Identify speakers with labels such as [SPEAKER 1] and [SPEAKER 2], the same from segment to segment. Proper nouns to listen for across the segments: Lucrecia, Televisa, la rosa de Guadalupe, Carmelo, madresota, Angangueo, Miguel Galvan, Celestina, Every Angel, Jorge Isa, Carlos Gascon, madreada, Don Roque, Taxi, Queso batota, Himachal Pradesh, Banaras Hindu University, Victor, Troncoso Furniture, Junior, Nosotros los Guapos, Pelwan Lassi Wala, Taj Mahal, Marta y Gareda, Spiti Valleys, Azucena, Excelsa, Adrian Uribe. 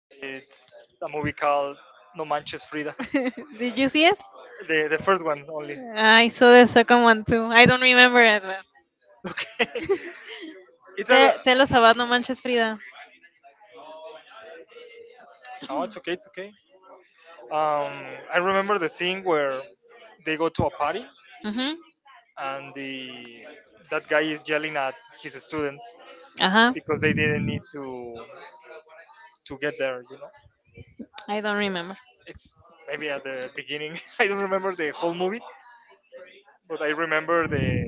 [SPEAKER 1] It's a movie called No Manches Frida.
[SPEAKER 2] Did you see it?
[SPEAKER 1] The first one only.
[SPEAKER 2] I saw the second one too. I don't remember it. But.
[SPEAKER 1] Okay. It's a
[SPEAKER 2] Tell us No Manches Frida.
[SPEAKER 1] oh, it's okay, it's okay. Um, I remember the scene where they go to a party
[SPEAKER 2] Hmm.
[SPEAKER 1] and the that guy is yelling at his students
[SPEAKER 2] Ajá.
[SPEAKER 1] because they didn't need to get there. You know,
[SPEAKER 2] I don't remember.
[SPEAKER 1] it's maybe at the beginning. I don't remember the whole movie, but I remember the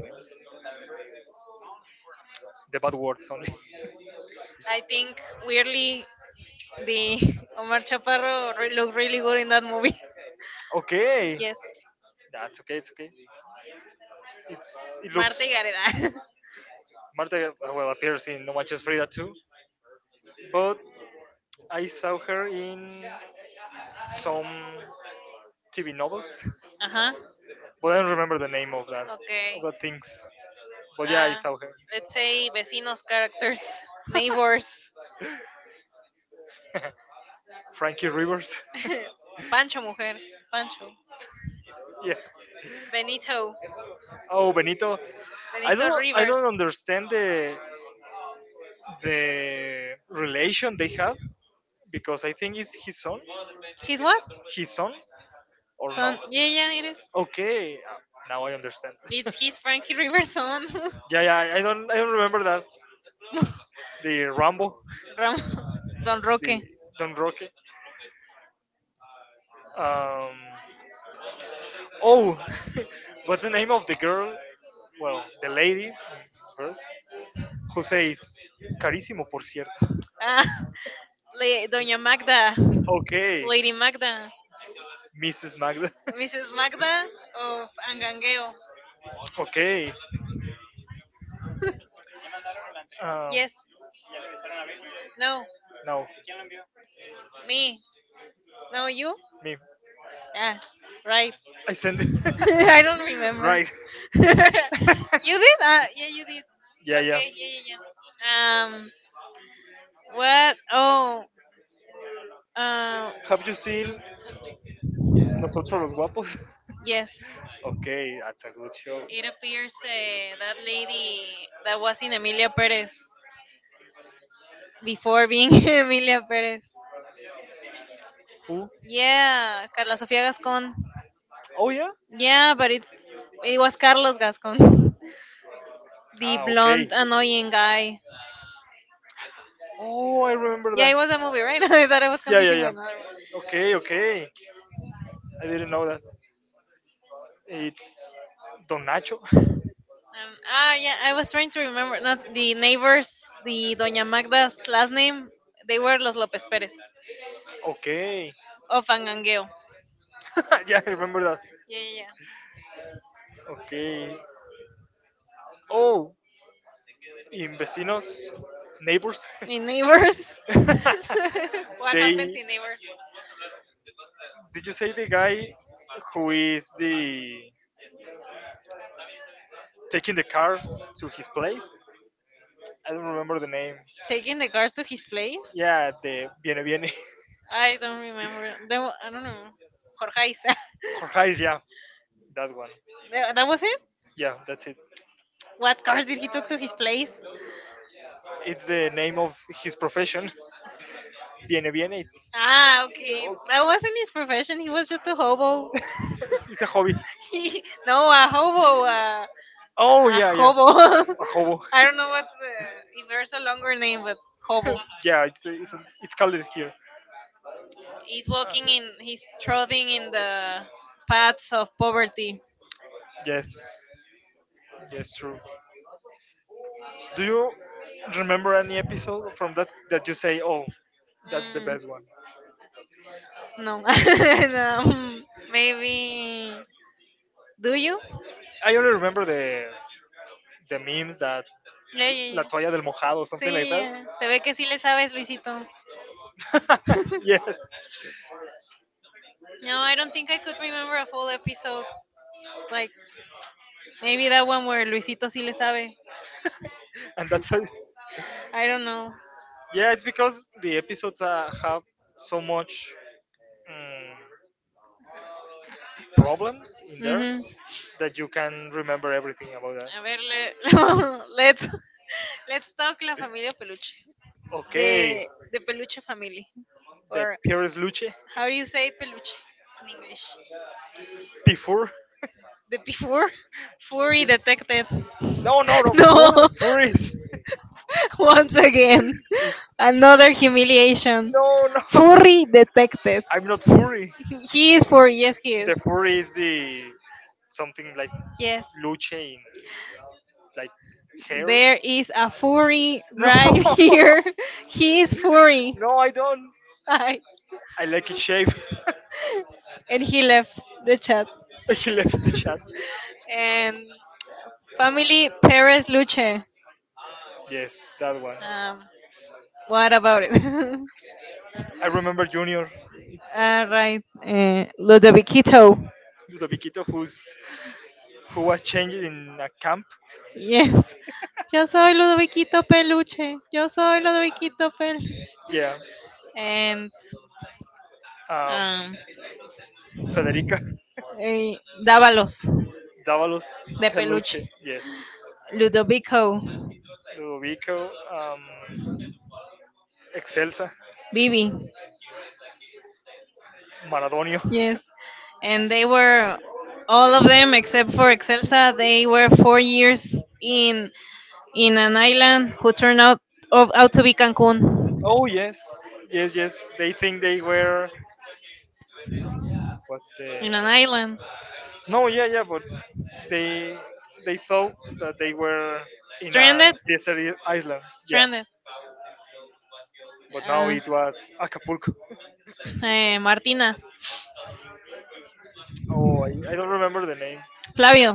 [SPEAKER 1] the bad words only.
[SPEAKER 2] I think weirdly the Omar Chaparro looked really good in that movie.
[SPEAKER 1] Okay,
[SPEAKER 2] Yes.
[SPEAKER 1] that's okay. It's okay. It
[SPEAKER 2] Marta
[SPEAKER 1] looks
[SPEAKER 2] y Gareda.
[SPEAKER 1] Marta well appears in No Manches Frida too, but I saw her in some TV novels.
[SPEAKER 2] Ajá.
[SPEAKER 1] But I don't remember the name of that
[SPEAKER 2] Okay.
[SPEAKER 1] of the things. But yeah, I saw her.
[SPEAKER 2] Let's say vecinos characters, neighbors.
[SPEAKER 1] Frankie Rivers.
[SPEAKER 2] Pancho mujer. Pancho.
[SPEAKER 1] Yeah.
[SPEAKER 2] Benito.
[SPEAKER 1] Oh, Benito. I don't understand the relation they have because I think it's his son,
[SPEAKER 2] This one?
[SPEAKER 1] his son, or no?
[SPEAKER 2] Son, yeah, yeah, it is.
[SPEAKER 1] Okay, now I understand.
[SPEAKER 2] It's his Frankie Rivers son.
[SPEAKER 1] Yeah, yeah, I don't remember that. The Rambo,
[SPEAKER 2] Ram, Don Roque.
[SPEAKER 1] the Don Roque. Um, oh, what's the name of the girl? Well, the lady first, who says "carísimo, por cierto."
[SPEAKER 2] Ah, Doña Magda.
[SPEAKER 1] Okay,
[SPEAKER 2] Lady Magda.
[SPEAKER 1] Mrs. Magda.
[SPEAKER 2] Mrs. Magda of Angangueo.
[SPEAKER 1] Okay. Um,
[SPEAKER 2] Yes. No.
[SPEAKER 1] No, no,
[SPEAKER 2] Me. No, you?
[SPEAKER 1] me.
[SPEAKER 2] Ah, right.
[SPEAKER 1] I send it. I
[SPEAKER 2] I
[SPEAKER 1] don't.
[SPEAKER 2] don't remember.
[SPEAKER 1] Right.
[SPEAKER 2] You
[SPEAKER 1] You did?
[SPEAKER 2] did? Yeah, you did.
[SPEAKER 1] Yeah, yeah.
[SPEAKER 2] Okay, yeah, yeah, yeah. What? Oh, uh,
[SPEAKER 1] Have you seen Nosotros los Guapos?
[SPEAKER 2] yes.
[SPEAKER 1] Okay, that's a good show.
[SPEAKER 2] It appears that lady that was in Emilia Perez before being Emilia Perez.
[SPEAKER 1] Who?
[SPEAKER 2] Yeah, Carla Sofia Gascon.
[SPEAKER 1] Oh yeah.
[SPEAKER 2] Yeah, but it was Carlos Gascon,
[SPEAKER 1] the
[SPEAKER 2] the
[SPEAKER 1] Ah, the okay.
[SPEAKER 2] blonde annoying guy.
[SPEAKER 1] Oh, I remember
[SPEAKER 2] Yeah,
[SPEAKER 1] that.
[SPEAKER 2] it was a movie, right? I thought I was
[SPEAKER 1] Yeah, yeah,
[SPEAKER 2] confusing with
[SPEAKER 1] yeah.
[SPEAKER 2] another one.
[SPEAKER 1] Okay, okay. I didn't know that. It's Don Nacho.
[SPEAKER 2] Yeah, I was trying to remember. Not the neighbors, the Doña Magda's last name. They were los López Pérez
[SPEAKER 1] Okay.
[SPEAKER 2] of Angangueo.
[SPEAKER 1] Yeah, I remember that.
[SPEAKER 2] Yeah, yeah,
[SPEAKER 1] Okay. Oh, in vecinos, neighbors,
[SPEAKER 2] yeah. In neighbors. What happens
[SPEAKER 1] they
[SPEAKER 2] in neighbors?
[SPEAKER 1] did you say the guy who is the taking the cars to his place? I don't remember the name.
[SPEAKER 2] Taking the cars to his place.
[SPEAKER 1] Yeah, the Viene Viene.
[SPEAKER 2] I don't remember. There, I don't know. Jorge Isa.
[SPEAKER 1] Jorge is, yeah, that one.
[SPEAKER 2] That was it.
[SPEAKER 1] Yeah, that's it.
[SPEAKER 2] What cars did he took to his place?
[SPEAKER 1] It's the name of his profession. Viene Viene. It's
[SPEAKER 2] Ah, okay.
[SPEAKER 1] oh,
[SPEAKER 2] That wasn't his profession. He was just a hobo.
[SPEAKER 1] it's a hobby.
[SPEAKER 2] No, a hobo.
[SPEAKER 1] Oh yeah, yeah.
[SPEAKER 2] Hobo.
[SPEAKER 1] A hobo.
[SPEAKER 2] I don't know what's the, if there's a longer name, but hobo.
[SPEAKER 1] Yeah, it's called it here.
[SPEAKER 2] He's
[SPEAKER 1] Ah,
[SPEAKER 2] walking in. He's trotting in the paths of poverty.
[SPEAKER 1] yes, yes, true. Do you remember any episode from that that you say, "Oh, that's the
[SPEAKER 2] Mm,
[SPEAKER 1] best one"?
[SPEAKER 2] no. No. Maybe. Do you?
[SPEAKER 1] I only remember the memes that
[SPEAKER 2] Yeah, yeah,
[SPEAKER 1] la
[SPEAKER 2] yeah.
[SPEAKER 1] toalla del mojado, or something like
[SPEAKER 2] Sí,
[SPEAKER 1] that.
[SPEAKER 2] se ve que sí le sabes, Luisito.
[SPEAKER 1] Mucho más. Yes,
[SPEAKER 2] No, I don't think I could remember a full episode. Like, maybe that one where Luisito sí le sabe.
[SPEAKER 1] and that's how,
[SPEAKER 2] I don't know.
[SPEAKER 1] yeah. It's because the episodes have so much mm, problems in there
[SPEAKER 2] Ujú.
[SPEAKER 1] that you can remember everything about that.
[SPEAKER 2] A ver, let's, let's talk la familia peluche.
[SPEAKER 1] Okay,
[SPEAKER 2] The, the peluche family.
[SPEAKER 1] the
[SPEAKER 2] Or
[SPEAKER 1] Pires Luce.
[SPEAKER 2] how do you say peluche in English?
[SPEAKER 1] P
[SPEAKER 2] The before furry detected.
[SPEAKER 1] No, no, no, four,
[SPEAKER 2] No.
[SPEAKER 1] four is,
[SPEAKER 2] Once again,
[SPEAKER 1] is
[SPEAKER 2] another humiliation.
[SPEAKER 1] no, no.
[SPEAKER 2] Furry detected.
[SPEAKER 1] I'm not Fury.
[SPEAKER 2] He is furry. Yes, he
[SPEAKER 1] The
[SPEAKER 2] is.
[SPEAKER 1] Fury is the something like
[SPEAKER 2] Yes,
[SPEAKER 1] Luce, in like hair.
[SPEAKER 2] there is a furry
[SPEAKER 1] No,
[SPEAKER 2] right here. He is furry.
[SPEAKER 1] no, I don't.
[SPEAKER 2] Hi.
[SPEAKER 1] I like his shape.
[SPEAKER 2] And he left the chat.
[SPEAKER 1] He left the chat.
[SPEAKER 2] And family Perez Luche.
[SPEAKER 1] Yes, that one.
[SPEAKER 2] Um, what about it?
[SPEAKER 1] I remember Junior.
[SPEAKER 2] All right. Ludoviquito.
[SPEAKER 1] It's the Viquito who was changed in a camp.
[SPEAKER 2] Yes. Yo soy Ludoviquito Peluche. Yo soy Ludoviquito Peluche.
[SPEAKER 1] Yeah.
[SPEAKER 2] And
[SPEAKER 1] Um,
[SPEAKER 2] um,
[SPEAKER 1] Federica
[SPEAKER 2] eh, Dávalos
[SPEAKER 1] Davalos
[SPEAKER 2] de
[SPEAKER 1] Peluche.
[SPEAKER 2] Peluche.
[SPEAKER 1] Yes.
[SPEAKER 2] Ludovico.
[SPEAKER 1] Ludovico. Excelsa.
[SPEAKER 2] Bibi,
[SPEAKER 1] Maradonio.
[SPEAKER 2] yes. And they were all of them except for Excelsa. They were 4 years in an island who turned out out to be Cancun.
[SPEAKER 1] Oh yes, yes, yes. They think they were. What's the?
[SPEAKER 2] In an island,
[SPEAKER 1] No, yeah, yeah, but they they thought that they were in a
[SPEAKER 2] stranded,
[SPEAKER 1] desert island. Yeah,
[SPEAKER 2] stranded.
[SPEAKER 1] but now it was Acapulco.
[SPEAKER 2] Martina,
[SPEAKER 1] Oh, I don't remember the name.
[SPEAKER 2] Flavio.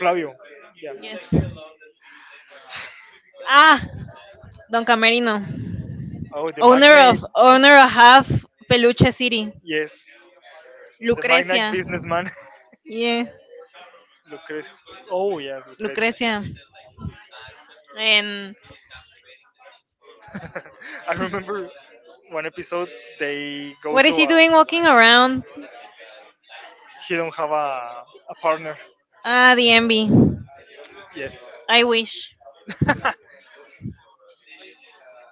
[SPEAKER 1] Flavio. Yeah.
[SPEAKER 2] Ah, Don Camerino,
[SPEAKER 1] Oh, the
[SPEAKER 2] owner
[SPEAKER 1] magnate.
[SPEAKER 2] of owner of half Peluche City.
[SPEAKER 1] Yes, the magnate
[SPEAKER 2] Lucrecia,
[SPEAKER 1] businessman.
[SPEAKER 2] yeah,
[SPEAKER 1] Lucrecio. Oh yeah, Lucrecio.
[SPEAKER 2] Lucrecia. And
[SPEAKER 1] I remember one episode they go
[SPEAKER 2] what
[SPEAKER 1] to
[SPEAKER 2] is he
[SPEAKER 1] a.
[SPEAKER 2] doing walking around?
[SPEAKER 1] He don't have a partner.
[SPEAKER 2] Ah, the envy.
[SPEAKER 1] Yes.
[SPEAKER 2] I wish.
[SPEAKER 1] I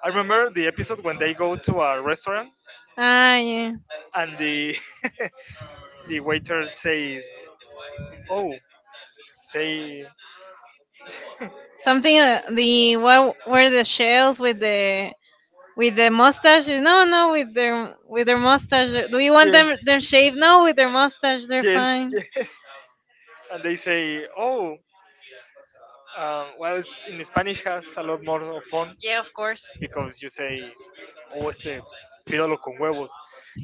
[SPEAKER 1] remember the episode when they go to a restaurant
[SPEAKER 2] Ah, yeah.
[SPEAKER 1] and the the waiter says, "Oh, say
[SPEAKER 2] Something, the what were the shells with the mustache? No, no, with their mustache. Do you want
[SPEAKER 1] yes,
[SPEAKER 2] them shaved? No, with their mustache, they're
[SPEAKER 1] yes,
[SPEAKER 2] fine.
[SPEAKER 1] yes," and they say, "Oh, well, it's, in Spanish has a lot more of fun
[SPEAKER 2] Yeah, of course.
[SPEAKER 1] because you say, oh, este, pídalo con huevos,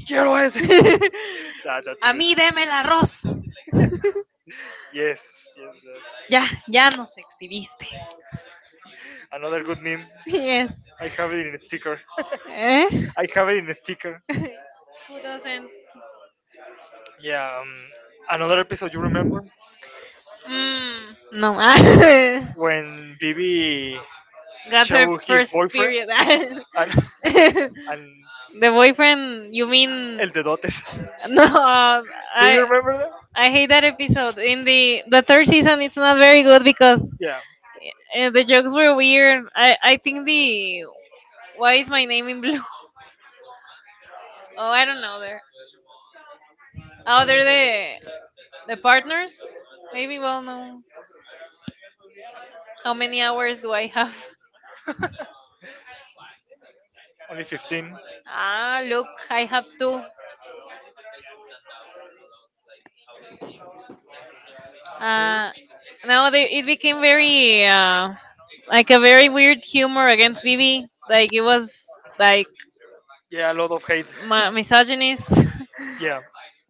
[SPEAKER 1] quiero ese." Yeah, that's
[SPEAKER 2] A
[SPEAKER 1] good.
[SPEAKER 2] mí deme el arroz.
[SPEAKER 1] Yes, yes,
[SPEAKER 2] Ya,
[SPEAKER 1] yes.
[SPEAKER 2] ya nos exhibiste.
[SPEAKER 1] Another good meme.
[SPEAKER 2] Yes.
[SPEAKER 1] I have it in a sticker.
[SPEAKER 2] Eh?
[SPEAKER 1] I have it in a sticker.
[SPEAKER 2] Who doesn't?
[SPEAKER 1] Yeah. Another episode you remember?
[SPEAKER 2] Mm, no.
[SPEAKER 1] When Bibi
[SPEAKER 2] God.
[SPEAKER 1] showed his boyfriend and
[SPEAKER 2] The
[SPEAKER 1] and
[SPEAKER 2] boyfriend? You mean
[SPEAKER 1] El Dedotes.
[SPEAKER 2] no,
[SPEAKER 1] Do you
[SPEAKER 2] I
[SPEAKER 1] remember that?
[SPEAKER 2] I hate that episode. In the third season, it's not very good because the jokes were weird. I think the. Why is my name in blue? Oh, I don't know. There, oh, they're the partners. Maybe. Well, no. How many hours do I have?
[SPEAKER 1] Yeah. Only 15.
[SPEAKER 2] Ah, look, I have two.
[SPEAKER 1] Okay.
[SPEAKER 2] Uh, no, it became very like a very weird humor against Bibi. Like it was like
[SPEAKER 1] Yeah, a lot of hate.
[SPEAKER 2] misogynist.
[SPEAKER 1] Yeah.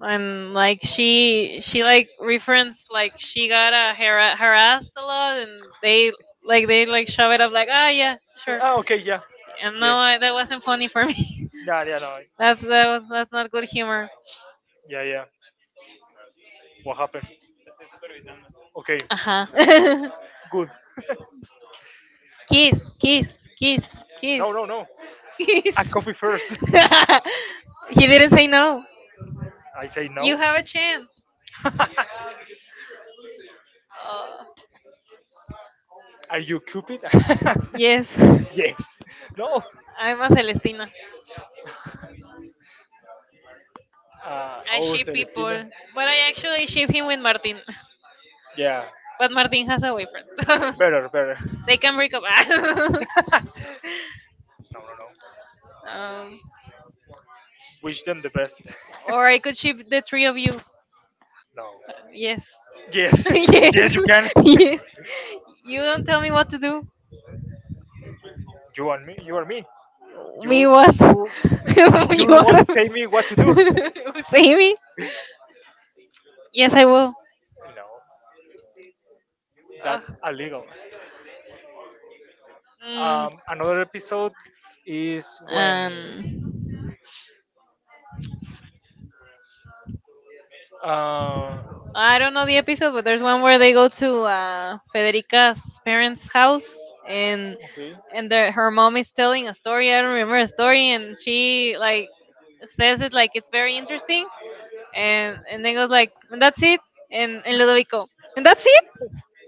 [SPEAKER 2] And like she like referenced like she got harassed a lot and they like shove it up like yeah, sure,
[SPEAKER 1] Ah, okay, yeah.
[SPEAKER 2] and no,
[SPEAKER 1] Yes.
[SPEAKER 2] that wasn't funny for me.
[SPEAKER 1] Yeah, yeah, no.
[SPEAKER 2] that's that was that's not good humor.
[SPEAKER 1] Yeah, yeah. What happened? Okay,
[SPEAKER 2] Uh-huh.
[SPEAKER 1] good.
[SPEAKER 2] Kiss, kiss, kiss, kiss.
[SPEAKER 1] No, no, no. A
[SPEAKER 2] Kiss.
[SPEAKER 1] coffee first.
[SPEAKER 2] He didn't say no.
[SPEAKER 1] I say no.
[SPEAKER 2] You have a chance.
[SPEAKER 1] Chance.
[SPEAKER 2] Oh,
[SPEAKER 1] Are you Cupid?
[SPEAKER 2] yes.
[SPEAKER 1] Yes. No.
[SPEAKER 2] I'm a celestina.
[SPEAKER 1] Uh,
[SPEAKER 2] I
[SPEAKER 1] oh,
[SPEAKER 2] ship people,
[SPEAKER 1] Celestina.
[SPEAKER 2] but I actually ship him with Martin.
[SPEAKER 1] Yeah.
[SPEAKER 2] But Martin has a boyfriend.
[SPEAKER 1] Better, better.
[SPEAKER 2] They can break up.
[SPEAKER 1] No, no, no.
[SPEAKER 2] um,
[SPEAKER 1] Wish them the best.
[SPEAKER 2] or I could ship the three of you.
[SPEAKER 1] No.
[SPEAKER 2] Yes.
[SPEAKER 1] Yes. Yes,
[SPEAKER 2] Yes.
[SPEAKER 1] you can.
[SPEAKER 2] Yes. You don't tell me what to do.
[SPEAKER 1] You want me? You are me.
[SPEAKER 2] Me
[SPEAKER 1] You,
[SPEAKER 2] what?
[SPEAKER 1] you you, you
[SPEAKER 2] You are.
[SPEAKER 1] won't say me what to do.
[SPEAKER 2] Save me? Yes, I will.
[SPEAKER 1] No,
[SPEAKER 2] Ugh.
[SPEAKER 1] that's illegal.
[SPEAKER 2] Mm,
[SPEAKER 1] Another episode is when.
[SPEAKER 2] um,
[SPEAKER 1] Uh,
[SPEAKER 2] I don't know the episode, but there's one where they go to Federica's parents' house and
[SPEAKER 1] Okay.
[SPEAKER 2] her mom is telling a story. I don't remember a story, and she like says it like it's very interesting, and then goes like, and that's it, and Ludovico, and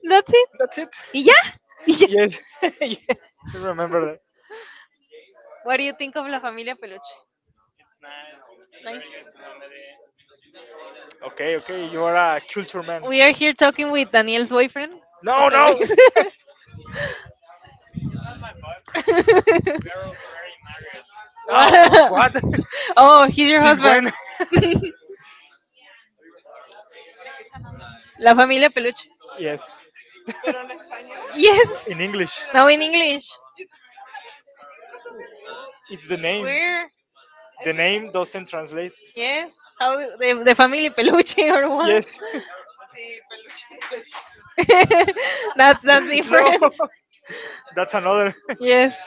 [SPEAKER 2] that's it,
[SPEAKER 1] That's it.
[SPEAKER 2] y ya, y ya.
[SPEAKER 1] Yes. Yes. I remember that.
[SPEAKER 2] What do you think of La Familia Peluche? Nice.
[SPEAKER 1] Okay, okay. You are a culture man.
[SPEAKER 2] We are here talking with Daniel's boyfriend,
[SPEAKER 1] No,
[SPEAKER 2] Jose
[SPEAKER 1] no.
[SPEAKER 2] Luis.
[SPEAKER 1] Oh,
[SPEAKER 2] Wow.
[SPEAKER 1] what? Oh,
[SPEAKER 2] Oh, he's your
[SPEAKER 1] when?
[SPEAKER 2] husband. La familia peluche.
[SPEAKER 1] Yes.
[SPEAKER 2] Yes.
[SPEAKER 1] In English,
[SPEAKER 2] Now in English.
[SPEAKER 1] it's the name.
[SPEAKER 2] Where?
[SPEAKER 1] The name doesn't translate.
[SPEAKER 2] Yes. How do, the family peluche or what?
[SPEAKER 1] Yes.
[SPEAKER 2] That's
[SPEAKER 1] No.
[SPEAKER 2] different.
[SPEAKER 1] That's another.
[SPEAKER 2] Yes.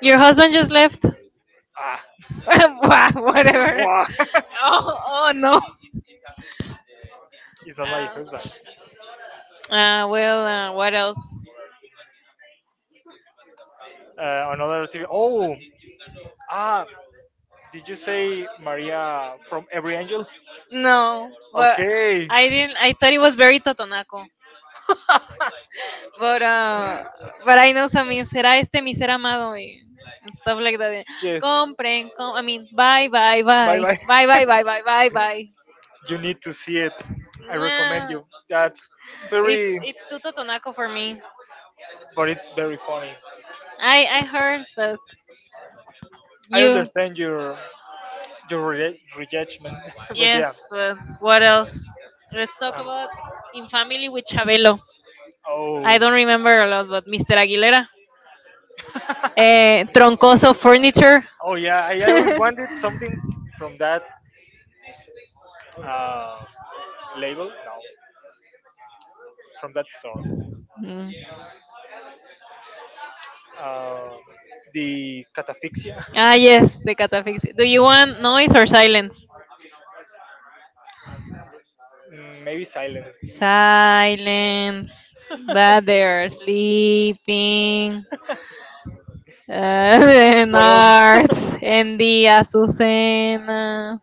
[SPEAKER 2] Your husband just left.
[SPEAKER 1] Ah.
[SPEAKER 2] Whatever.
[SPEAKER 1] Wow.
[SPEAKER 2] Oh no.
[SPEAKER 1] It's not my
[SPEAKER 2] Uh,
[SPEAKER 1] husband.
[SPEAKER 2] well, what else?
[SPEAKER 1] Another TV. Oh, ah, did you say Maria from Every Angel?
[SPEAKER 2] No, but
[SPEAKER 1] Okay.
[SPEAKER 2] I didn't. I thought it was very Totonaco. But uh, but I know some you será este mi ser amado and stuff like that.
[SPEAKER 1] Yes.
[SPEAKER 2] Compren, com I mean, bye, bye, bye, bye, bye,
[SPEAKER 1] Bye.
[SPEAKER 2] bye, bye, bye, bye.
[SPEAKER 1] You need to see it. I recommend
[SPEAKER 2] Nah,
[SPEAKER 1] you. That's
[SPEAKER 2] it's
[SPEAKER 1] very,
[SPEAKER 2] it's too totonaco for me.
[SPEAKER 1] but it's very funny.
[SPEAKER 2] I heard that
[SPEAKER 1] I
[SPEAKER 2] you.
[SPEAKER 1] understand your rejection, but yeah.
[SPEAKER 2] Yes, but what else? Let's talk
[SPEAKER 1] Um,
[SPEAKER 2] about In Family with Chabelo. I
[SPEAKER 1] oh,
[SPEAKER 2] don't remember a lot, but Mr. Aguilera, Troncoso Furniture.
[SPEAKER 1] oh yeah. I always wanted something from that uh, label. No, from that store.
[SPEAKER 2] Mm.
[SPEAKER 1] Um, the catafixia.
[SPEAKER 2] Ah yes, the catafixi. Do you want noise or silence?
[SPEAKER 1] Maybe silence.
[SPEAKER 2] Silence. That they're sleeping. And
[SPEAKER 1] What else?
[SPEAKER 2] arts. And the Azucena.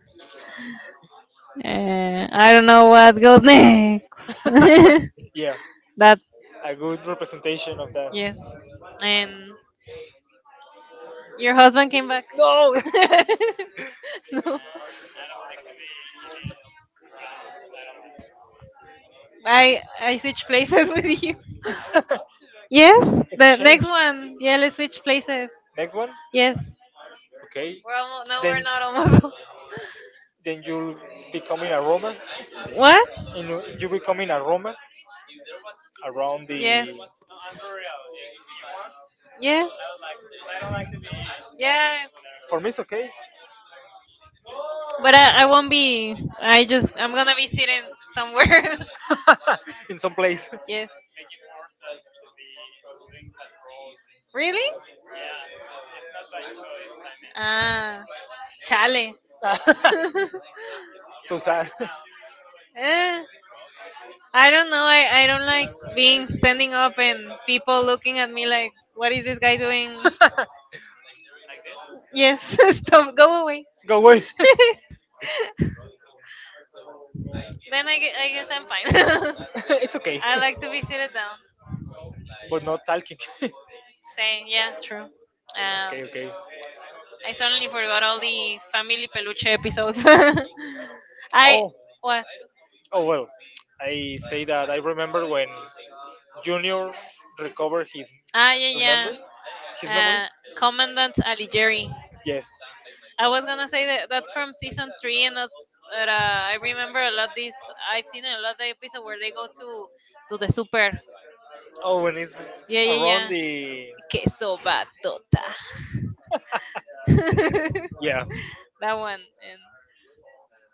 [SPEAKER 2] I don't know what goes next. That,
[SPEAKER 1] Yeah, a good representation of that.
[SPEAKER 2] yes. And your husband came back.
[SPEAKER 1] No.
[SPEAKER 2] No. I switch places with you. Yes, the next
[SPEAKER 1] Change.
[SPEAKER 2] one. Yeah, let's switch places.
[SPEAKER 1] Next one.
[SPEAKER 2] Yes.
[SPEAKER 1] Okay.
[SPEAKER 2] We're almost, no, we're
[SPEAKER 1] Then
[SPEAKER 2] not almost.
[SPEAKER 1] then you're becoming a roamer.
[SPEAKER 2] What?
[SPEAKER 1] And you're becoming a roamer around
[SPEAKER 2] Yes.
[SPEAKER 1] the.
[SPEAKER 2] Yes, yeah.
[SPEAKER 1] For me, it's okay.
[SPEAKER 2] But I won't be. I'm gonna be sitting somewhere.
[SPEAKER 1] In some place.
[SPEAKER 2] Yes. Really? Ah, chale.
[SPEAKER 1] So sad.
[SPEAKER 2] Eh, I don't know. I don't like being standing up and people looking at me like, what is this guy doing? Yes, stop. Go away.
[SPEAKER 1] Go away.
[SPEAKER 2] Then I guess I'm fine.
[SPEAKER 1] It's okay.
[SPEAKER 2] I like to be seated down.
[SPEAKER 1] But not talking.
[SPEAKER 2] Same. Yeah. True. Um.
[SPEAKER 1] Okay, okay.
[SPEAKER 2] I suddenly forgot all the family peluche episodes. I
[SPEAKER 1] Oh,
[SPEAKER 2] what?
[SPEAKER 1] oh well. I say that I remember when Junior recovered
[SPEAKER 2] Ah, yeah, yeah.
[SPEAKER 1] remember his memories.
[SPEAKER 2] Uh, Commandant Alighieri.
[SPEAKER 1] Yes.
[SPEAKER 2] I was gonna say that that's from season three, and that's. But, I remember a lot this. I've seen a lot of the episode where they go to the super.
[SPEAKER 1] Oh, when it's
[SPEAKER 2] Yeah, yeah, yeah.
[SPEAKER 1] around the.
[SPEAKER 2] Queso batota.
[SPEAKER 1] Yeah,
[SPEAKER 2] That one and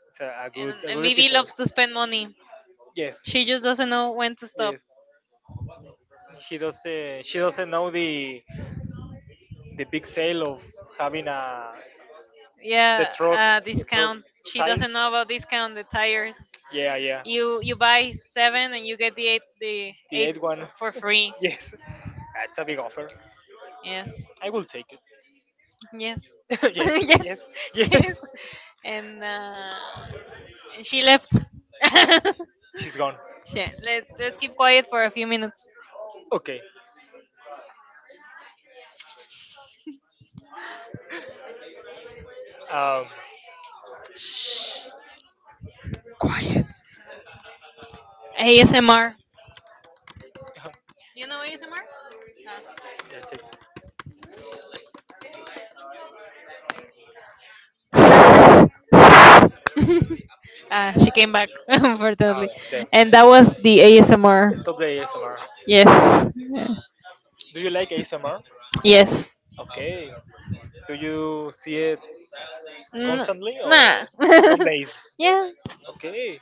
[SPEAKER 1] it's a, a
[SPEAKER 2] and
[SPEAKER 1] good a
[SPEAKER 2] and
[SPEAKER 1] good
[SPEAKER 2] Vivi
[SPEAKER 1] episode.
[SPEAKER 2] loves to spend money.
[SPEAKER 1] Yes,
[SPEAKER 2] She just doesn't know when to stop.
[SPEAKER 1] yes. He doesn't She doesn't know the big sale of having a the
[SPEAKER 2] Yeah,
[SPEAKER 1] truck the truck
[SPEAKER 2] discount. She
[SPEAKER 1] tires.
[SPEAKER 2] doesn't know about discount the tires.
[SPEAKER 1] Yeah, yeah.
[SPEAKER 2] You buy seven and you get the eight the
[SPEAKER 1] The
[SPEAKER 2] eight
[SPEAKER 1] eight one.
[SPEAKER 2] f- for free.
[SPEAKER 1] Yes, that's a big offer.
[SPEAKER 2] Yes,
[SPEAKER 1] I will take it.
[SPEAKER 2] yes,
[SPEAKER 1] Yes,
[SPEAKER 2] yes,
[SPEAKER 1] yes,
[SPEAKER 2] yes.
[SPEAKER 1] yes.
[SPEAKER 2] And uh, and she left.
[SPEAKER 1] She's gone.
[SPEAKER 2] Shit, let's keep quiet for a few minutes.
[SPEAKER 1] Okay. Um,
[SPEAKER 2] ASMR. You know ASMR?
[SPEAKER 1] yeah, take,
[SPEAKER 2] Ah, Ah, she came back,
[SPEAKER 1] uh,
[SPEAKER 2] unfortunately,
[SPEAKER 1] damn.
[SPEAKER 2] and that was the ASMR.
[SPEAKER 1] Stop the ASMR.
[SPEAKER 2] Yes. Yeah.
[SPEAKER 1] Do you like ASMR?
[SPEAKER 2] Yes.
[SPEAKER 1] Okay. Do you see it
[SPEAKER 2] N-
[SPEAKER 1] constantly or
[SPEAKER 2] nah.
[SPEAKER 1] some days?
[SPEAKER 2] Yeah.
[SPEAKER 1] Okay.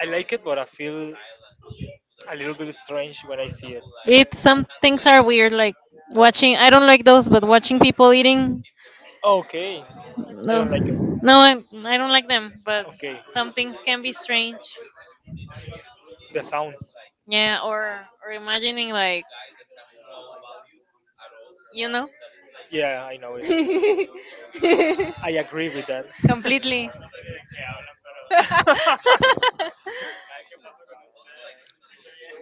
[SPEAKER 1] I like it, but I feel a little bit strange when I see it.
[SPEAKER 2] It's Some things are weird, like watching. I don't like those, but watching people eating
[SPEAKER 1] Okay. I don't
[SPEAKER 2] those.
[SPEAKER 1] like it.
[SPEAKER 2] No, I don't like them, but
[SPEAKER 1] Okay.
[SPEAKER 2] some things can be strange.
[SPEAKER 1] The sounds.
[SPEAKER 2] Yeah, or imagining like, you know,
[SPEAKER 1] Yeah, I know it. I agree with that.
[SPEAKER 2] completely.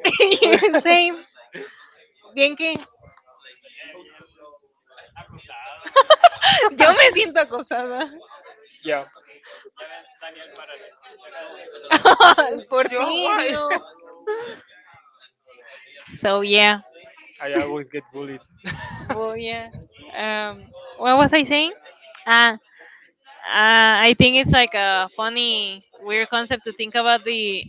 [SPEAKER 2] Same. Bien que yo me siento acosada
[SPEAKER 1] Yeah.
[SPEAKER 2] por
[SPEAKER 1] Yeah,
[SPEAKER 2] ti,
[SPEAKER 1] why?
[SPEAKER 2] digo. So yeah,
[SPEAKER 1] I always get bullied.
[SPEAKER 2] well yeah. Um, what was I saying? Ah, I think it's like a funny, weird concept to think about the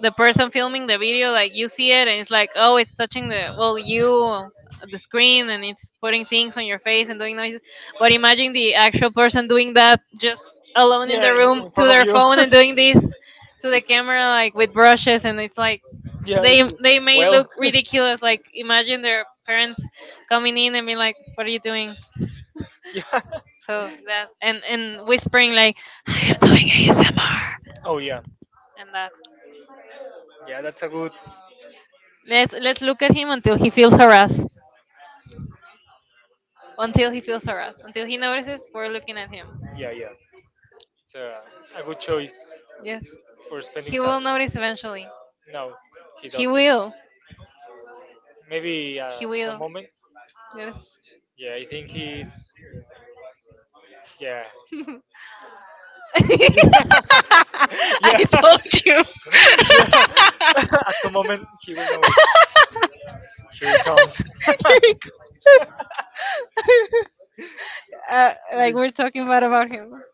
[SPEAKER 2] the person filming the video. Like you see it, and it's like, oh, it's touching the, well, you the screen, and it's putting things on your face and doing noises. But imagine the actual person doing that just alone in the
[SPEAKER 1] Yeah, in,
[SPEAKER 2] room
[SPEAKER 1] in
[SPEAKER 2] to
[SPEAKER 1] front of
[SPEAKER 2] their
[SPEAKER 1] you.
[SPEAKER 2] phone and doing this to the
[SPEAKER 1] It's,
[SPEAKER 2] camera, like with brushes, and it's like
[SPEAKER 1] yeah, it's.
[SPEAKER 2] they may
[SPEAKER 1] Well,
[SPEAKER 2] look ridiculous. Like imagine their parents coming in and being like, "What are you doing?"
[SPEAKER 1] yeah.
[SPEAKER 2] So that and whispering like I am doing ASMR
[SPEAKER 1] Oh yeah,
[SPEAKER 2] and that.
[SPEAKER 1] yeah. That's a good.
[SPEAKER 2] Let's look at him until he feels harassed. Until he feels harassed. Until he notices we're looking at him.
[SPEAKER 1] Yeah, yeah. It's a good choice
[SPEAKER 2] Yes.
[SPEAKER 1] for spending
[SPEAKER 2] He
[SPEAKER 1] time.
[SPEAKER 2] will notice eventually.
[SPEAKER 1] No, he
[SPEAKER 2] He
[SPEAKER 1] doesn't.
[SPEAKER 2] will.
[SPEAKER 1] Maybe
[SPEAKER 2] He
[SPEAKER 1] some
[SPEAKER 2] will.
[SPEAKER 1] moment.
[SPEAKER 2] Yes.
[SPEAKER 1] Yeah, I think he's. Yeah.
[SPEAKER 2] I
[SPEAKER 1] Yeah.
[SPEAKER 2] told you.
[SPEAKER 1] Yeah. At some moment, he will know it. Here he comes.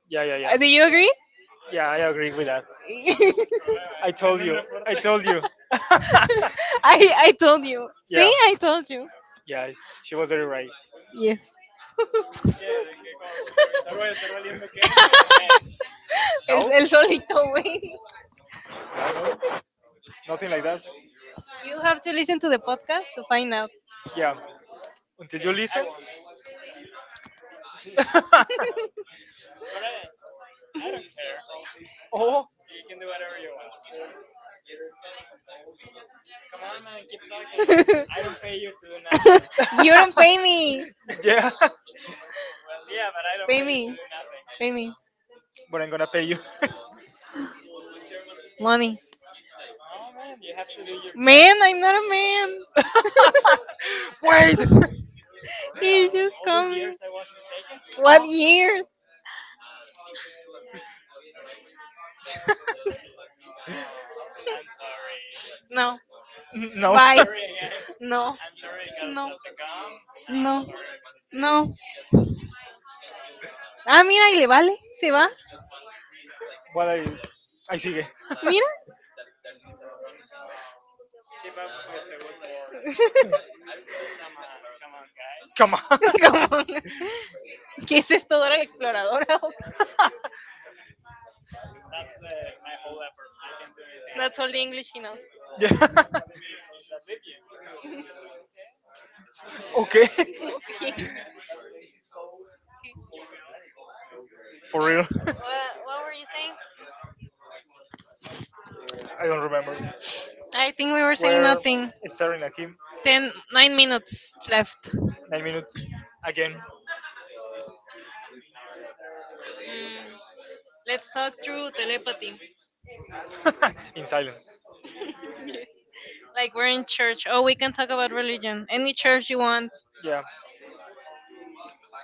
[SPEAKER 1] Yeah, yeah, yeah.
[SPEAKER 2] Do you agree?
[SPEAKER 1] Yeah, I agree with that. I told you. I told you.
[SPEAKER 2] See,
[SPEAKER 1] Yeah,
[SPEAKER 2] I told you.
[SPEAKER 1] yeah, she was very right.
[SPEAKER 2] El,
[SPEAKER 1] No,
[SPEAKER 2] el sol.
[SPEAKER 1] no, no, nothing like that.
[SPEAKER 2] You have to listen to the podcast to find out.
[SPEAKER 1] Yeah, until you listen. Oh,
[SPEAKER 2] You don't pay me.
[SPEAKER 1] yeah,
[SPEAKER 2] Pay me
[SPEAKER 1] but I'm gonna pay you.
[SPEAKER 2] money. Man, I'm not a man.
[SPEAKER 1] Wait.
[SPEAKER 2] What
[SPEAKER 1] Ah.
[SPEAKER 2] years?
[SPEAKER 1] No.
[SPEAKER 2] No, no. Ah, mira, y le vale, se va.
[SPEAKER 1] What I sigue.
[SPEAKER 2] Mira,
[SPEAKER 1] Come on.
[SPEAKER 2] ¿qué es esto, Dora la exploradora? ¿o qué? That's all the English he knows.
[SPEAKER 1] Class. Yeah. Okay.
[SPEAKER 2] Okay.
[SPEAKER 1] For real. What,
[SPEAKER 2] What were you saying?
[SPEAKER 1] I don't remember. I think
[SPEAKER 2] I think we were saying nothing.
[SPEAKER 1] we.
[SPEAKER 2] 10, 9 minutes left.
[SPEAKER 1] 9 minutes. Again.
[SPEAKER 2] Mm, let's talk through telepathy.
[SPEAKER 1] In silence.
[SPEAKER 2] Like we're in church. Oh, we can talk about religion. Any church you want.
[SPEAKER 1] Yeah.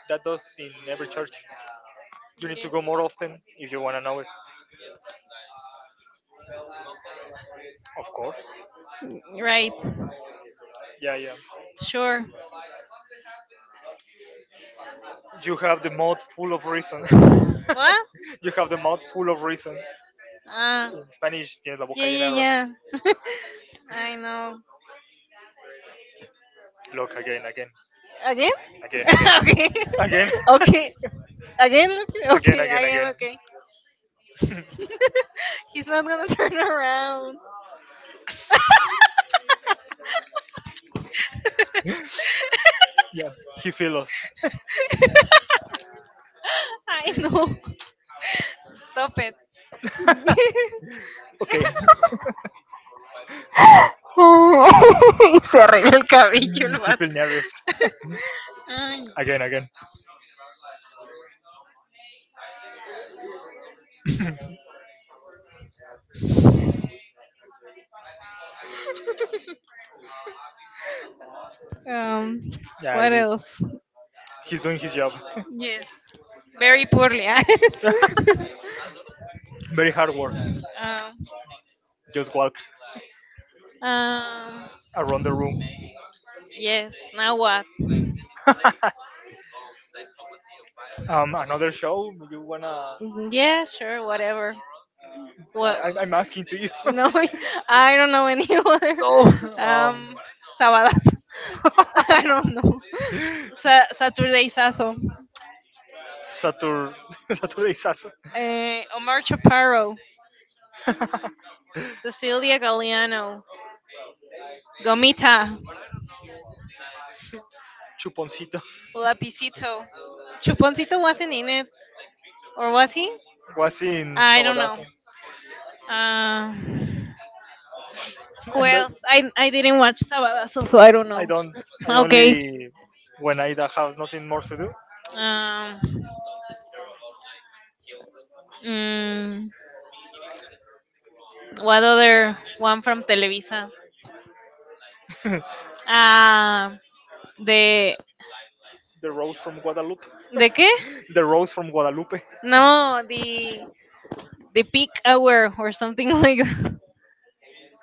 [SPEAKER 1] That does in every church. You need to
[SPEAKER 2] Yes.
[SPEAKER 1] go more often if you want to know it. Of course.
[SPEAKER 2] Right.
[SPEAKER 1] Yeah, yeah.
[SPEAKER 2] Sure.
[SPEAKER 1] You have the mouth full of reason.
[SPEAKER 2] What?
[SPEAKER 1] You have the mouth full of reason.
[SPEAKER 2] Ah.
[SPEAKER 1] In Spanish, tienes la boca
[SPEAKER 2] Yeah,
[SPEAKER 1] llena de
[SPEAKER 2] yeah,
[SPEAKER 1] razón.
[SPEAKER 2] yeah. I know.
[SPEAKER 1] Look again, again,
[SPEAKER 2] Again?
[SPEAKER 1] again, again,
[SPEAKER 2] Okay.
[SPEAKER 1] again,
[SPEAKER 2] Okay. Again? Okay.
[SPEAKER 1] again,
[SPEAKER 2] Okay. Again.
[SPEAKER 1] again,
[SPEAKER 2] Okay.
[SPEAKER 1] again.
[SPEAKER 2] He's not gonna turn around.
[SPEAKER 1] Yeah, he feel us.
[SPEAKER 2] I know. Stop it.
[SPEAKER 1] Okay,
[SPEAKER 2] Y se arregla el cabello el
[SPEAKER 1] he
[SPEAKER 2] vato.
[SPEAKER 1] feel nervous. Again, again.
[SPEAKER 2] Um,
[SPEAKER 1] Yeah,
[SPEAKER 2] what
[SPEAKER 1] he,
[SPEAKER 2] else?
[SPEAKER 1] he's doing his job.
[SPEAKER 2] Yes. Very poorly.
[SPEAKER 1] Very hard work.
[SPEAKER 2] um,
[SPEAKER 1] Just walk
[SPEAKER 2] um,
[SPEAKER 1] around the room.
[SPEAKER 2] yes. Now what?
[SPEAKER 1] Another show you wanna.
[SPEAKER 2] Yeah, sure, whatever.
[SPEAKER 1] I,
[SPEAKER 2] What?
[SPEAKER 1] I'm I'm asking to you.
[SPEAKER 2] No, I don't know any other.
[SPEAKER 1] No. Um.
[SPEAKER 2] Um, Sabadas. I don't know. Saturday Sasso,
[SPEAKER 1] Satur. Saturday Sasu.
[SPEAKER 2] Omar Chaparro, Cecilia Galliano, Gomita,
[SPEAKER 1] Chuponcito
[SPEAKER 2] Lapicito. Chuponcito wasn't in it, or was he?
[SPEAKER 1] was in
[SPEAKER 2] I don't know.
[SPEAKER 1] Sabadazo,
[SPEAKER 2] Uh, who
[SPEAKER 1] and that
[SPEAKER 2] else? I didn't watch Sabadazo, so I don't
[SPEAKER 1] I
[SPEAKER 2] know.
[SPEAKER 1] don't. I
[SPEAKER 2] Okay.
[SPEAKER 1] only when I have nothing more to do.
[SPEAKER 2] Um, mm, what other one from Televisa? Ah, the
[SPEAKER 1] The rose from Guadalupe.
[SPEAKER 2] the qué?
[SPEAKER 1] The rose from Guadalupe.
[SPEAKER 2] No, the peak hour or something like that.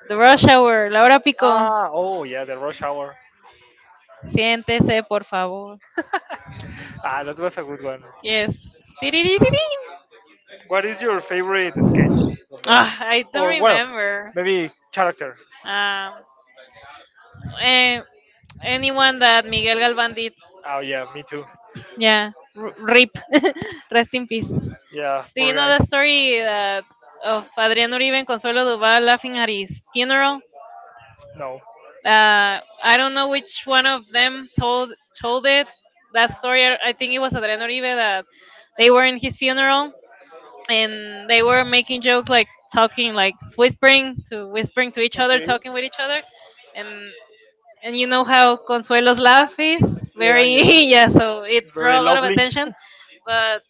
[SPEAKER 2] The rush hour, la hora pico.
[SPEAKER 1] Ah, oh yeah, the rush hour.
[SPEAKER 2] Siéntese, por favor.
[SPEAKER 1] Ah, that was a good one.
[SPEAKER 2] Yes. Tiriririn.
[SPEAKER 1] What is your favorite sketch of that?
[SPEAKER 2] Ah, I don't
[SPEAKER 1] Or well,
[SPEAKER 2] remember.
[SPEAKER 1] maybe character.
[SPEAKER 2] Um, eh, anyone that Miguel Galvan did.
[SPEAKER 1] Oh yeah, me too.
[SPEAKER 2] Yeah. Rip. Rest in peace. Do
[SPEAKER 1] Yeah, poor
[SPEAKER 2] you know
[SPEAKER 1] guy.
[SPEAKER 2] the story that of Adrián Uribe and Consuelo Duval laughing at his funeral?
[SPEAKER 1] No.
[SPEAKER 2] I don't know which one of them told it. That story, I think it was Adrián Uribe that they were in his funeral, and they were making jokes, like talking, like whispering to each other,
[SPEAKER 1] Okay.
[SPEAKER 2] talking with each other. and and you know how Consuelo's laugh is
[SPEAKER 1] Yeah,
[SPEAKER 2] very,
[SPEAKER 1] yeah.
[SPEAKER 2] yeah, so it
[SPEAKER 1] Very
[SPEAKER 2] draw a lot of
[SPEAKER 1] loudly.
[SPEAKER 2] attention. But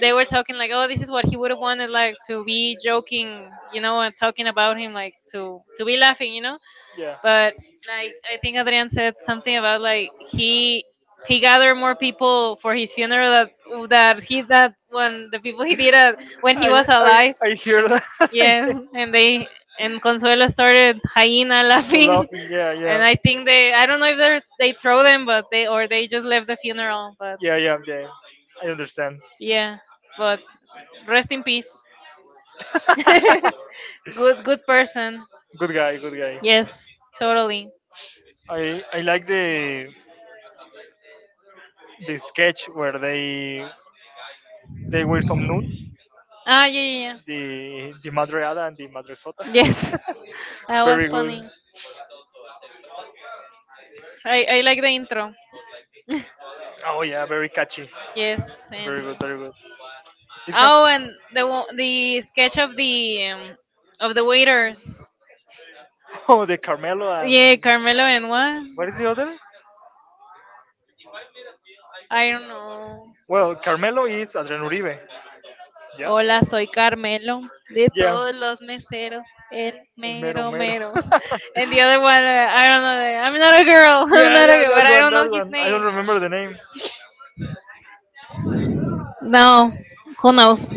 [SPEAKER 2] they were talking like, oh, this is what he would have wanted, like to be joking, you know, and talking about him, like to be laughing, you know.
[SPEAKER 1] Yeah.
[SPEAKER 2] But like, I think Adrian said something about like he gathered more people for his funeral that that he that when the people he did at, when he
[SPEAKER 1] I
[SPEAKER 2] was
[SPEAKER 1] I
[SPEAKER 2] alive.
[SPEAKER 1] I hear that. Yeah.
[SPEAKER 2] Yeah, and Consuelo started hyena
[SPEAKER 1] So
[SPEAKER 2] laughing,
[SPEAKER 1] laughing. Yeah,
[SPEAKER 2] and
[SPEAKER 1] yeah,
[SPEAKER 2] I think they I don't know if they throw them, but they or they just left the funeral. But
[SPEAKER 1] yeah, yeah, yeah. I understand.
[SPEAKER 2] yeah, but rest in peace. Good person.
[SPEAKER 1] Good guy, good guy.
[SPEAKER 2] Yes, totally.
[SPEAKER 1] I like the sketch where they were some nuns,
[SPEAKER 2] Ah, yeah, yeah,
[SPEAKER 1] the madreada and the madresota.
[SPEAKER 2] yeah. Yes, that was
[SPEAKER 1] Very good.
[SPEAKER 2] funny. I like the intro.
[SPEAKER 1] Oh yeah, very catchy.
[SPEAKER 2] Yes. And
[SPEAKER 1] Very good, very good. It has
[SPEAKER 2] oh, and the sketch of the waiters.
[SPEAKER 1] Oh, the Carmelo
[SPEAKER 2] Yeah,
[SPEAKER 1] and
[SPEAKER 2] Carmelo and
[SPEAKER 1] what is
[SPEAKER 2] what?
[SPEAKER 1] the other?
[SPEAKER 2] I don't know.
[SPEAKER 1] Well, Carmelo is Adrian Uribe. Yeah,
[SPEAKER 2] Hola, soy Carmelo de
[SPEAKER 1] yeah,
[SPEAKER 2] todos los meseros, el
[SPEAKER 1] el mero
[SPEAKER 2] mero
[SPEAKER 1] mero.
[SPEAKER 2] mero. And the other one, I don't know. I'm not a girl. I'm
[SPEAKER 1] Yeah,
[SPEAKER 2] not a
[SPEAKER 1] yeah,
[SPEAKER 2] girl, but
[SPEAKER 1] that
[SPEAKER 2] I
[SPEAKER 1] one,
[SPEAKER 2] don't know
[SPEAKER 1] that
[SPEAKER 2] his
[SPEAKER 1] one. I
[SPEAKER 2] name.
[SPEAKER 1] don't remember the name.
[SPEAKER 2] No, who knows?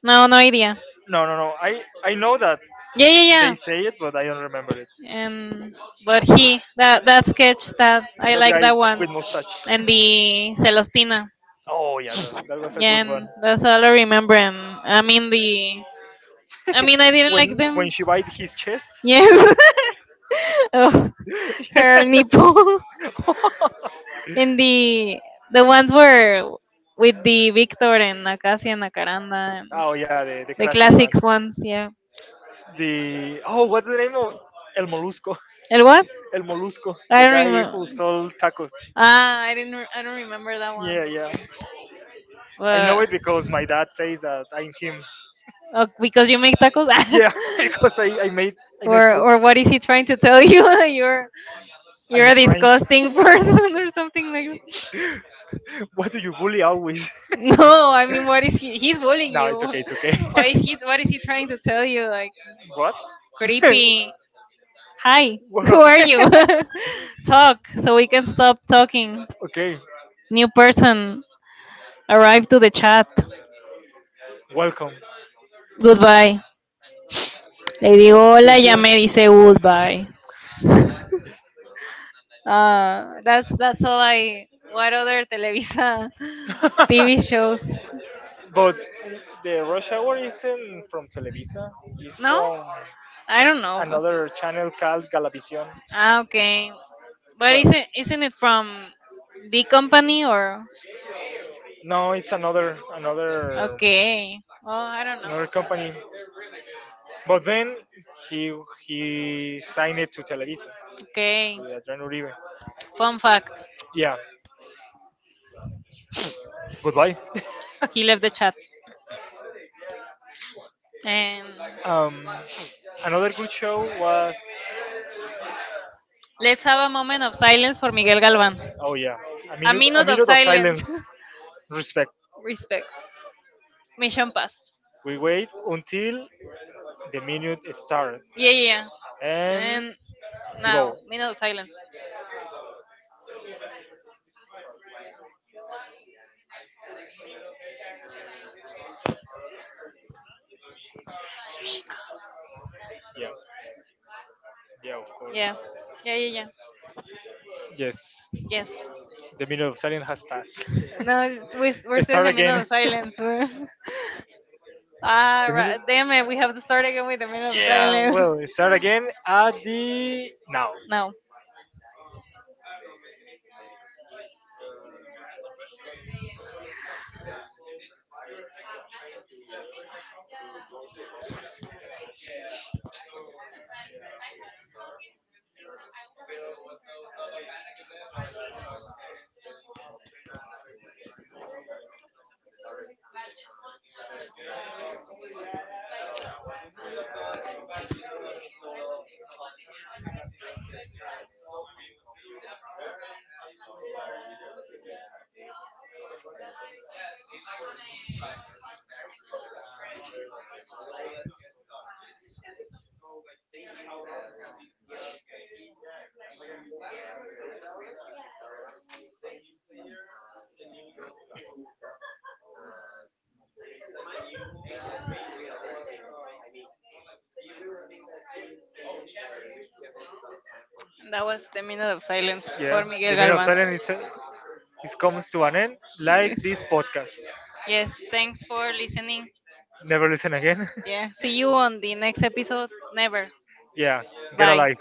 [SPEAKER 2] No, no idea.
[SPEAKER 1] No, no, no. I know that
[SPEAKER 2] Yeah, yeah, yeah.
[SPEAKER 1] they say it, but I don't remember it.
[SPEAKER 2] And but he, that that sketch that I
[SPEAKER 1] That
[SPEAKER 2] like,
[SPEAKER 1] guy
[SPEAKER 2] that one
[SPEAKER 1] with mustache.
[SPEAKER 2] and the celostina,
[SPEAKER 1] Oh yeah, that was a
[SPEAKER 2] yeah.
[SPEAKER 1] good one.
[SPEAKER 2] And that's all I remember. And I mean the I mean I didn't like
[SPEAKER 1] When
[SPEAKER 2] them.
[SPEAKER 1] when she bite his chest.
[SPEAKER 2] Yes. Oh, her nipple. And the ones were with the Victor and Acacia and Acaranda and
[SPEAKER 1] Oh yeah, the
[SPEAKER 2] the
[SPEAKER 1] classic one.
[SPEAKER 2] classics ones, yeah.
[SPEAKER 1] The Oh, what's the name of El Molusco?
[SPEAKER 2] El what?
[SPEAKER 1] El Molusco, the
[SPEAKER 2] I don't
[SPEAKER 1] guy
[SPEAKER 2] remember.
[SPEAKER 1] who sold tacos.
[SPEAKER 2] Ah I didn't re- I don't remember that one.
[SPEAKER 1] Yeah, yeah. I know
[SPEAKER 2] But
[SPEAKER 1] it because my dad says that I'm him.
[SPEAKER 2] oh, because you make tacos.
[SPEAKER 1] Yeah, because I made fun.
[SPEAKER 2] Or what is he trying to tell you? You're
[SPEAKER 1] I'm
[SPEAKER 2] a
[SPEAKER 1] strange.
[SPEAKER 2] disgusting person or something like that.
[SPEAKER 1] Why do you bully always?
[SPEAKER 2] No, I mean what is he's bullying
[SPEAKER 1] No,
[SPEAKER 2] you.
[SPEAKER 1] it's okay. It's okay.
[SPEAKER 2] Why is he, what is he trying to tell you? Like
[SPEAKER 1] What?
[SPEAKER 2] creepy. Hi,
[SPEAKER 1] What
[SPEAKER 2] who are you?
[SPEAKER 1] happened?
[SPEAKER 2] Talk so we can stop talking.
[SPEAKER 1] Okay,
[SPEAKER 2] New person arrived to the chat.
[SPEAKER 1] welcome.
[SPEAKER 2] Goodbye. Le digo hola, ya me dice goodbye. That's all I. What other Televisa TV shows?
[SPEAKER 1] But the rush hour isn't from Televisa. It's
[SPEAKER 2] No,
[SPEAKER 1] from
[SPEAKER 2] I don't know.
[SPEAKER 1] another channel called Galavision.
[SPEAKER 2] Ah, okay. But
[SPEAKER 1] Well,
[SPEAKER 2] isn't it from the company or
[SPEAKER 1] no, it's another another
[SPEAKER 2] okay? Oh, I don't know.
[SPEAKER 1] another company. But then he he signed it to Televisa,
[SPEAKER 2] Okay.
[SPEAKER 1] with Adriano Uribe.
[SPEAKER 2] Fun fact:
[SPEAKER 1] Yeah. Goodbye.
[SPEAKER 2] he left the chat. And
[SPEAKER 1] Um, Another good show was.
[SPEAKER 2] let's have a moment of silence for Miguel Galván.
[SPEAKER 1] Oh yeah, a
[SPEAKER 2] A
[SPEAKER 1] minute a
[SPEAKER 2] minute of
[SPEAKER 1] minute of
[SPEAKER 2] silence.
[SPEAKER 1] silence, respect.
[SPEAKER 2] Respect. Mission passed.
[SPEAKER 1] We wait until the minute is started,
[SPEAKER 2] Yeah, yeah. Yeah.
[SPEAKER 1] and
[SPEAKER 2] And
[SPEAKER 1] you
[SPEAKER 2] now
[SPEAKER 1] go.
[SPEAKER 2] minute of silence.
[SPEAKER 1] Yeah, yeah, of course.
[SPEAKER 2] Yeah. Yeah, yeah, yeah.
[SPEAKER 1] Yes,
[SPEAKER 2] Yes.
[SPEAKER 1] the minute of silence has passed.
[SPEAKER 2] No, it's, we're still in
[SPEAKER 1] Start
[SPEAKER 2] the minute of
[SPEAKER 1] again.
[SPEAKER 2] silence. Ah, right.
[SPEAKER 1] Similar?
[SPEAKER 2] Damn it, we have to start again with the minute of
[SPEAKER 1] Yeah,
[SPEAKER 2] silence.
[SPEAKER 1] well, it start again at the now.
[SPEAKER 2] No, that was the minute of silence for
[SPEAKER 1] Yeah,
[SPEAKER 2] Miguel
[SPEAKER 1] the minute of
[SPEAKER 2] Galvan.
[SPEAKER 1] silence is comes to an end, like this podcast.
[SPEAKER 2] Yes, thanks for listening.
[SPEAKER 1] Never listen again.
[SPEAKER 2] Yeah, see you on the next episode. Never.
[SPEAKER 1] Yeah, get
[SPEAKER 2] Bye.
[SPEAKER 1] alive.